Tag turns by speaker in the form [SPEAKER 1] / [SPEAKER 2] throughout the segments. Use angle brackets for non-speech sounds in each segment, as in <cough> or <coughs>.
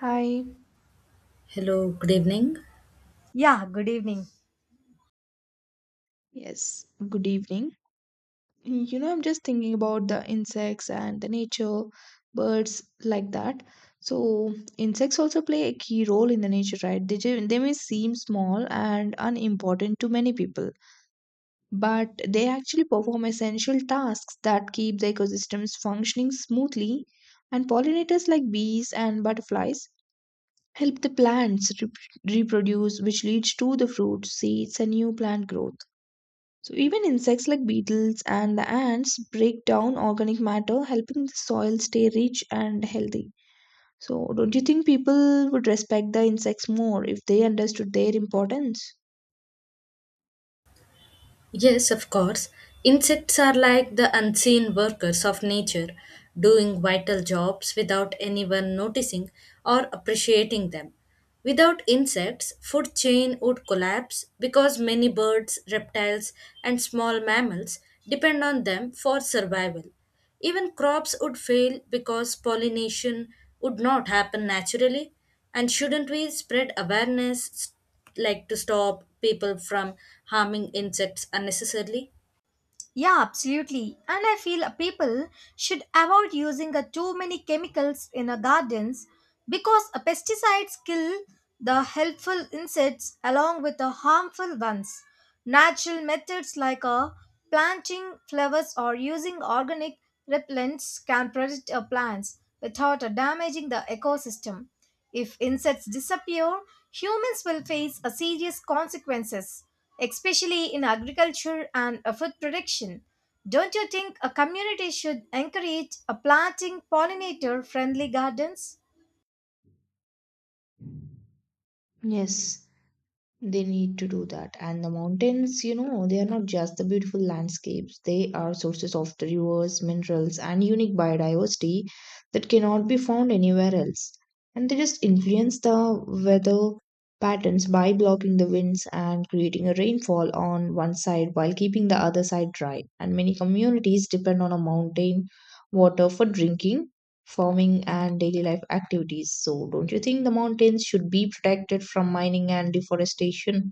[SPEAKER 1] Hi,
[SPEAKER 2] Hello, good evening.
[SPEAKER 3] Yeah, good evening.
[SPEAKER 1] yes, good evening. You know, I'm just thinking about the insects and the nature, birds like that. So, insects also play a key role in the nature, right? They may seem small and unimportant to many people, but they actually perform essential tasks that keep the ecosystems functioning smoothly. And pollinators like bees and butterflies help the plants reproduce, which leads to the fruits, seeds, and new plant growth. So even insects like beetles and the ants break down organic matter, helping the soil stay rich and healthy. So don't you think people would respect the insects more if they understood their importance?
[SPEAKER 2] Yes, of course. Insects are like the unseen workers of nature, doing vital jobs without anyone noticing or appreciating them. Without insects, food chain would collapse because many birds, reptiles, and small mammals depend on them for survival. Even crops would fail because pollination would not happen naturally. And shouldn't we spread awareness like to stop people from harming insects unnecessarily.
[SPEAKER 3] Yeah, absolutely. And I feel people should avoid using too many chemicals in gardens because pesticides kill the helpful insects along with the harmful ones. Natural methods like planting flowers or using organic repellents can protect plants without damaging the ecosystem. If insects disappear, humans will face a serious consequences especially in agriculture and food production. Don't you think a community should encourage a planting pollinator friendly gardens?
[SPEAKER 1] Yes, they need to do that. And the mountains, you know, they are not just the beautiful landscapes, they are sources of the rivers, minerals, and unique biodiversity that cannot be found anywhere else. And they just influence the weather patterns by blocking the winds and creating a rainfall on one side while keeping the other side dry. And many communities depend on a mountain water for drinking, farming and daily life activities. So, don't you think the mountains should be protected from mining and deforestation?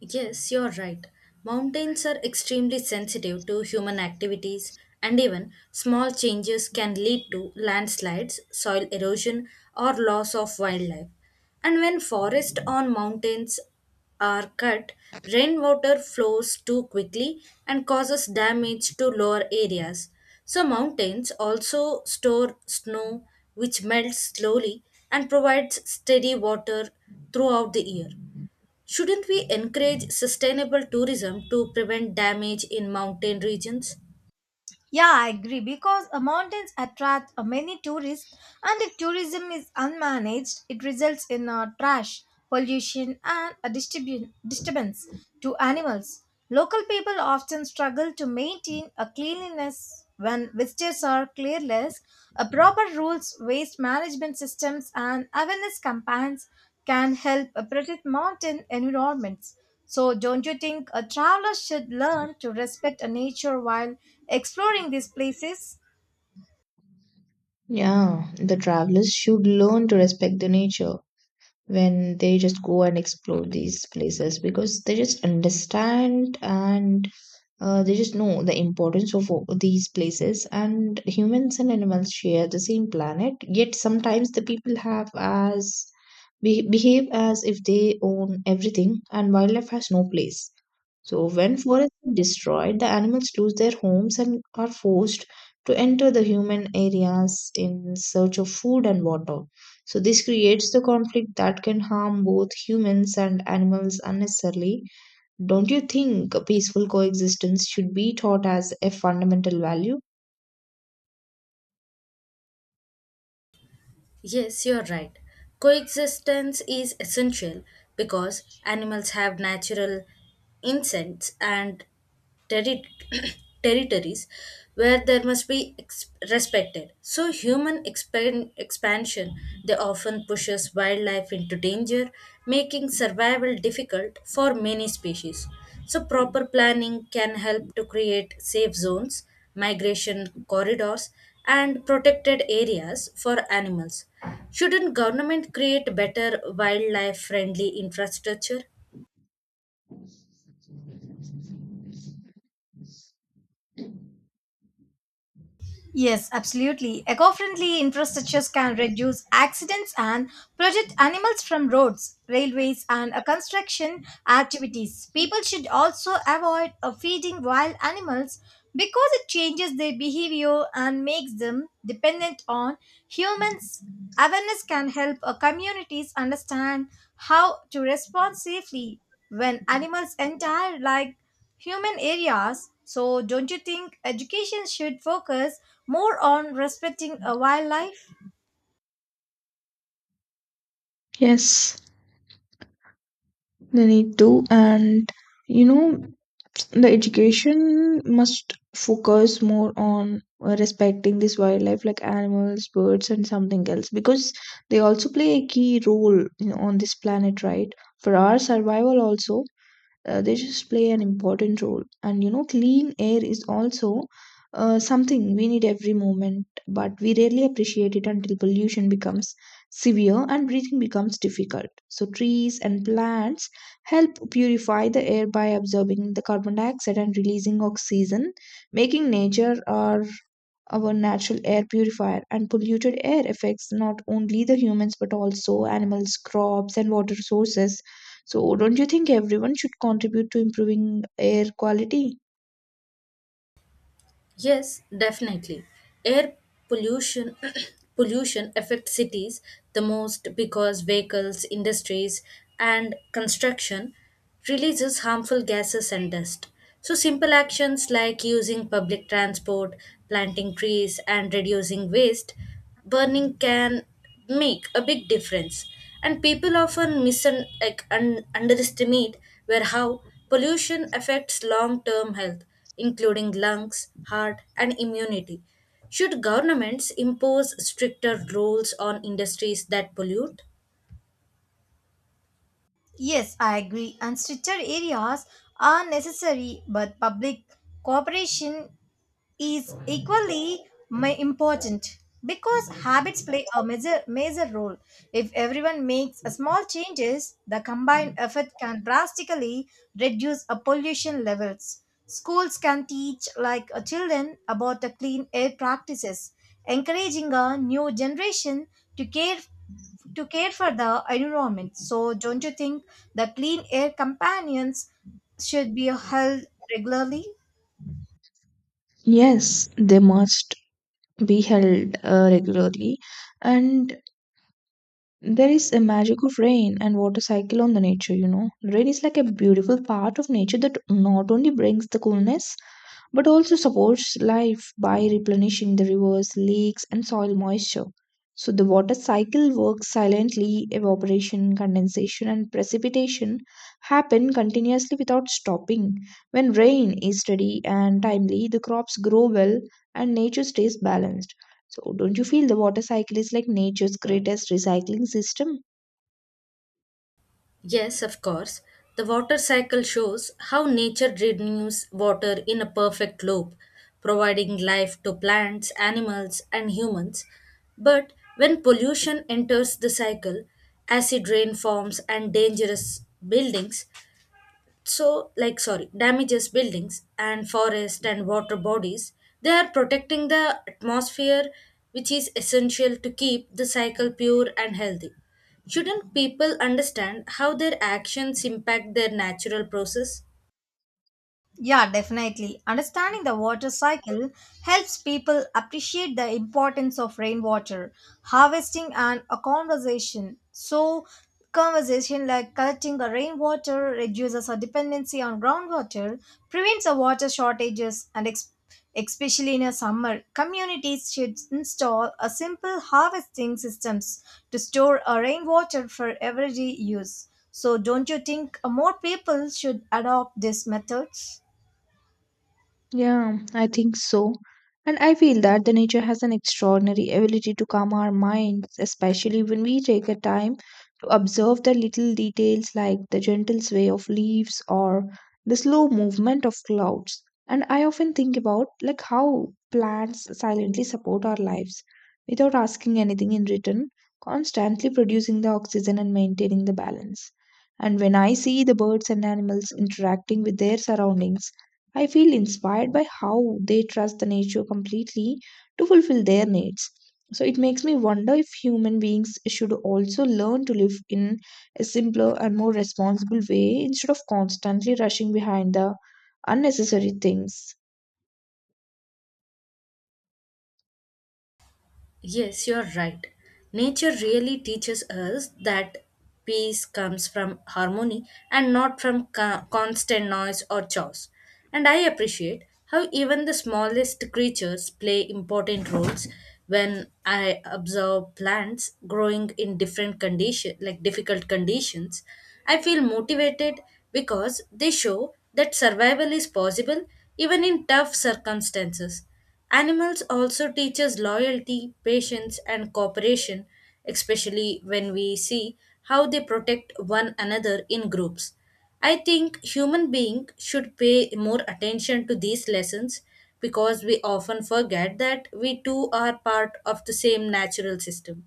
[SPEAKER 2] Yes, you're right. Mountains are extremely sensitive to human activities, and even small changes can lead to landslides, soil erosion, or loss of wildlife. And when forests on mountains are cut, rainwater flows too quickly and causes damage to lower areas. So, mountains also store snow, which melts slowly and provides steady water throughout the year. Shouldn't we encourage sustainable tourism to prevent damage in mountain regions?
[SPEAKER 3] Yeah, I agree because mountains attract many tourists, and if tourism is unmanaged, it results in trash, pollution, and a disturbance to animals. Local people often struggle to maintain a cleanliness when visitors are careless. A proper rules, waste management systems, and awareness campaigns can help protect mountain environments. So, don't you think a traveler should learn to respect nature while exploring these places?
[SPEAKER 1] Yeah, the travelers should learn to respect the nature when they just go and explore these places because they just understand and they just know the importance of these places, and humans and animals share the same planet, yet sometimes the people have as behave as if they own everything and wildlife has no place. So when forests are destroyed, the animals lose their homes and are forced to enter the human areas in search of food and water. So this creates the conflict that can harm both humans and animals unnecessarily. Don't you think peaceful coexistence should be taught as a fundamental value?
[SPEAKER 2] Yes, you're right. Coexistence is essential because animals have natural instincts and terri- <coughs> <clears throat> territories where there must be respected. So, human expansion they often pushes wildlife into danger, making survival difficult for many species. So, proper planning can help to create safe zones, migration corridors, and protected areas for animals. Shouldn't government create better wildlife friendly infrastructure?
[SPEAKER 3] Yes, absolutely. Eco friendly infrastructures can reduce accidents and protect animals from roads, railways, and construction activities. People should also avoid feeding wild animals because it changes their behavior and makes them dependent on humans. Awareness can help communities understand how to respond safely when animals enter, like human areas. So, don't you think education should focus more on respecting a wildlife?
[SPEAKER 1] Yes, they need to. And you know, the education must focus more on respecting this wildlife like animals, birds, and something else because they also play a key role, you know, on this planet, right? For our survival, also, they just play an important role. And you know, clean air is also something we need every moment, but we rarely appreciate it until pollution becomes severe and breathing becomes difficult. So trees and plants help purify the air by absorbing the carbon dioxide and releasing oxygen, making nature our natural air purifier. And polluted air affects not only the humans but also animals, crops, and water sources. So, don't you think everyone should contribute to improving air quality?
[SPEAKER 2] Yes, definitely. Air pollution <clears throat> pollution affects cities the most because vehicles, industries and construction releases harmful gases and dust. So simple actions like using public transport, planting trees and reducing waste burning can make a big difference, and people often like, underestimate where how pollution affects long-term health, including lungs, heart and immunity. Should governments impose stricter rules on industries that pollute?
[SPEAKER 3] Yes, I agree. And stricter areas are necessary, but public cooperation is equally important because habits play a major, major role. If everyone makes a small changes, the combined effort can drastically reduce a pollution levels. Schools can teach like children about the clean air practices, encouraging a new generation to care to care for the environment. So don't you think the clean air companions should be held regularly?
[SPEAKER 1] Yes, they must be held regularly. And there is a magic of rain and water cycle on the nature, you know. Rain is like a beautiful part of nature that not only brings the coolness but also supports life by replenishing the rivers, lakes, and soil moisture. So the water cycle works silently, evaporation, condensation, and precipitation happen continuously without stopping. When rain is steady and timely, the crops grow well and nature stays balanced. So don't you feel the water cycle is like nature's greatest recycling system?
[SPEAKER 2] Yes, of course. The water cycle shows how nature renews water in a perfect loop, providing life to plants, animals, and humans. But when pollution enters the cycle, acid rain forms and dangerous buildings, so like sorry damages buildings and forest and water bodies, they are protecting the atmosphere, which is essential to keep the cycle pure and healthy. Shouldn't people understand how their actions impact their natural process?
[SPEAKER 3] Yeah, definitely. Understanding the water cycle helps people appreciate the importance of rainwater, harvesting, and a conversation. So, conversation like collecting the rainwater reduces our dependency on groundwater, prevents the water shortages, and especially in a summer, communities should install a simple harvesting systems to store a rainwater for everyday use. So, don't you think more people should adopt these methods?
[SPEAKER 1] Yeah, I think so. And I feel that the nature has an extraordinary ability to calm our minds, especially when we take a time to observe the little details like the gentle sway of leaves or the slow movement of clouds. And I often think about like how plants silently support our lives without asking anything in return, constantly producing the oxygen and maintaining the balance. And when I see the birds and animals interacting with their surroundings, I feel inspired by how they trust the nature completely to fulfill their needs. So it makes me wonder if human beings should also learn to live in a simpler and more responsible way instead of constantly rushing behind the unnecessary things.
[SPEAKER 2] Yes, you're right. Nature really teaches us that peace comes from harmony and not from constant noise or chores. And I appreciate how even the smallest creatures play important roles. When I observe plants growing in different condition like difficult conditions, I feel motivated because they show that survival is possible even in tough circumstances. Animals also teach us loyalty, patience, and cooperation, especially when we see how they protect one another in groups. I think human beings should pay more attention to these lessons because we often forget that we too are part of the same natural system.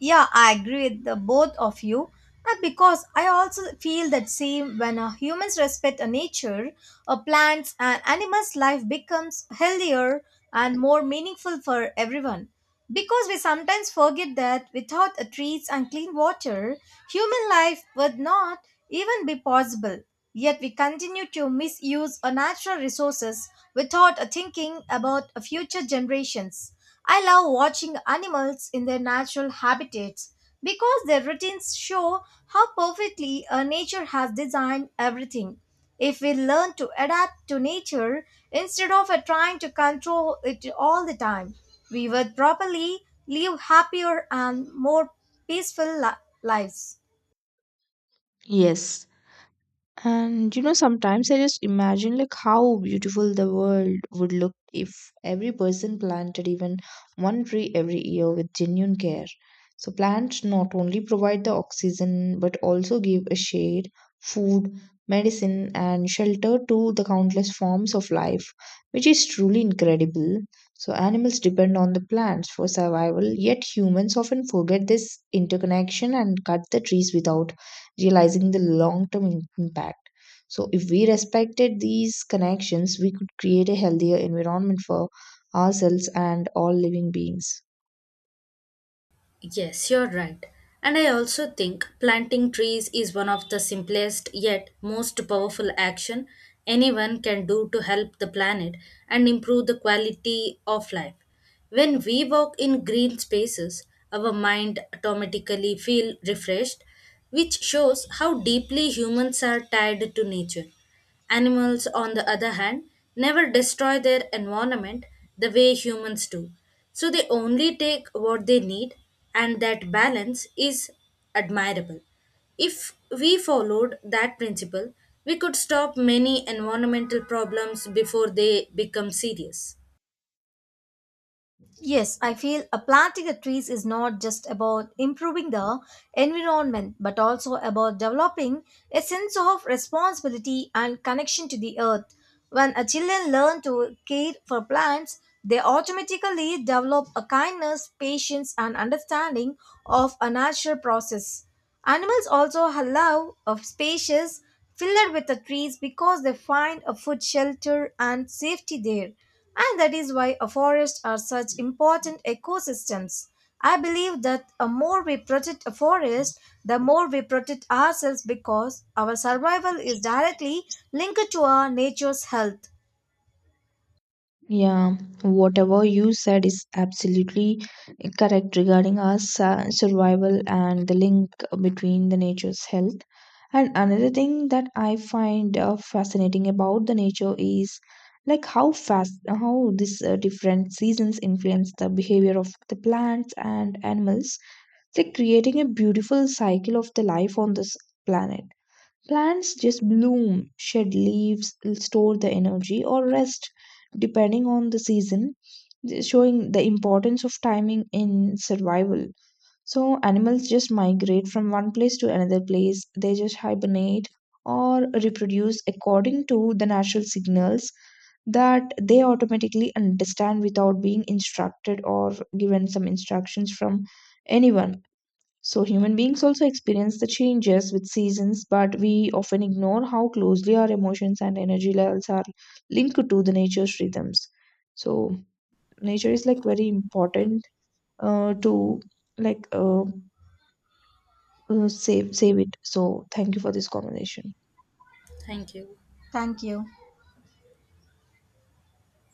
[SPEAKER 3] Yeah, I agree with the both of you. Because I also feel that same when humans respect a nature, a plants and animals' life becomes healthier and more meaningful for everyone. Because we sometimes forget that without a trees and clean water, human life would not even be possible. Yet we continue to misuse our natural resources without thinking about future generations. I love watching animals in their natural habitats because their routines show how perfectly nature has designed everything. If we learn to adapt to nature instead of trying to control it all the time, we would probably live happier and more peaceful lives.
[SPEAKER 1] Yes, and you know, sometimes I just imagine like how beautiful the world would look if every person planted even one tree every year with genuine care. So plants not only provide the oxygen but also give a shade, food, medicine and shelter to the countless forms of life, which is truly incredible. So animals depend on the plants for survival, yet humans often forget this interconnection and cut the trees without realizing the long term impact. So, if we respected these connections, we could create a healthier environment for ourselves and all living beings.
[SPEAKER 2] Yes, you're right. And I also think planting trees is one of the simplest yet most powerful action anyone can do to help the planet and improve the quality of life. When we walk in green spaces, our mind automatically feel refreshed, which shows how deeply humans are tied to nature. Animals, on the other hand, never destroy their environment the way humans do. So they only take what they need, and that balance is admirable. If we followed that principle, we could stop many environmental problems before they become serious.
[SPEAKER 3] Yes, I feel a planting a trees is not just about improving the environment but also about developing a sense of responsibility and connection to the earth. When a children learn to care for plants, they automatically develop a kindness, patience and understanding of a natural process. Animals also allow of spacious filled with the trees because they find a food shelter and safety there, and that is why a forests are such important ecosystems. I believe that the more we protect a forest, the more we protect ourselves because our survival is directly linked to our nature's health.
[SPEAKER 1] Yeah, whatever you said is absolutely correct regarding our survival and the link between the nature's health. And another thing that I find fascinating about the nature is like how fast how these different seasons influence the behavior of the plants and animals, they're creating a beautiful cycle of the life on this planet. Plants just bloom, shed leaves, store the energy, or rest depending on the season, showing the importance of timing in survival. So, animals just migrate from one place to another place, they just hibernate or reproduce according to the natural signals that they automatically understand without being instructed or given some instructions from anyone. So, human beings also experience the changes with seasons, but we often ignore how closely our emotions and energy levels are linked to the nature's rhythms. So, nature is like very important to like uh, save it. So, thank you for this conversation.
[SPEAKER 2] Thank you.
[SPEAKER 3] Thank you.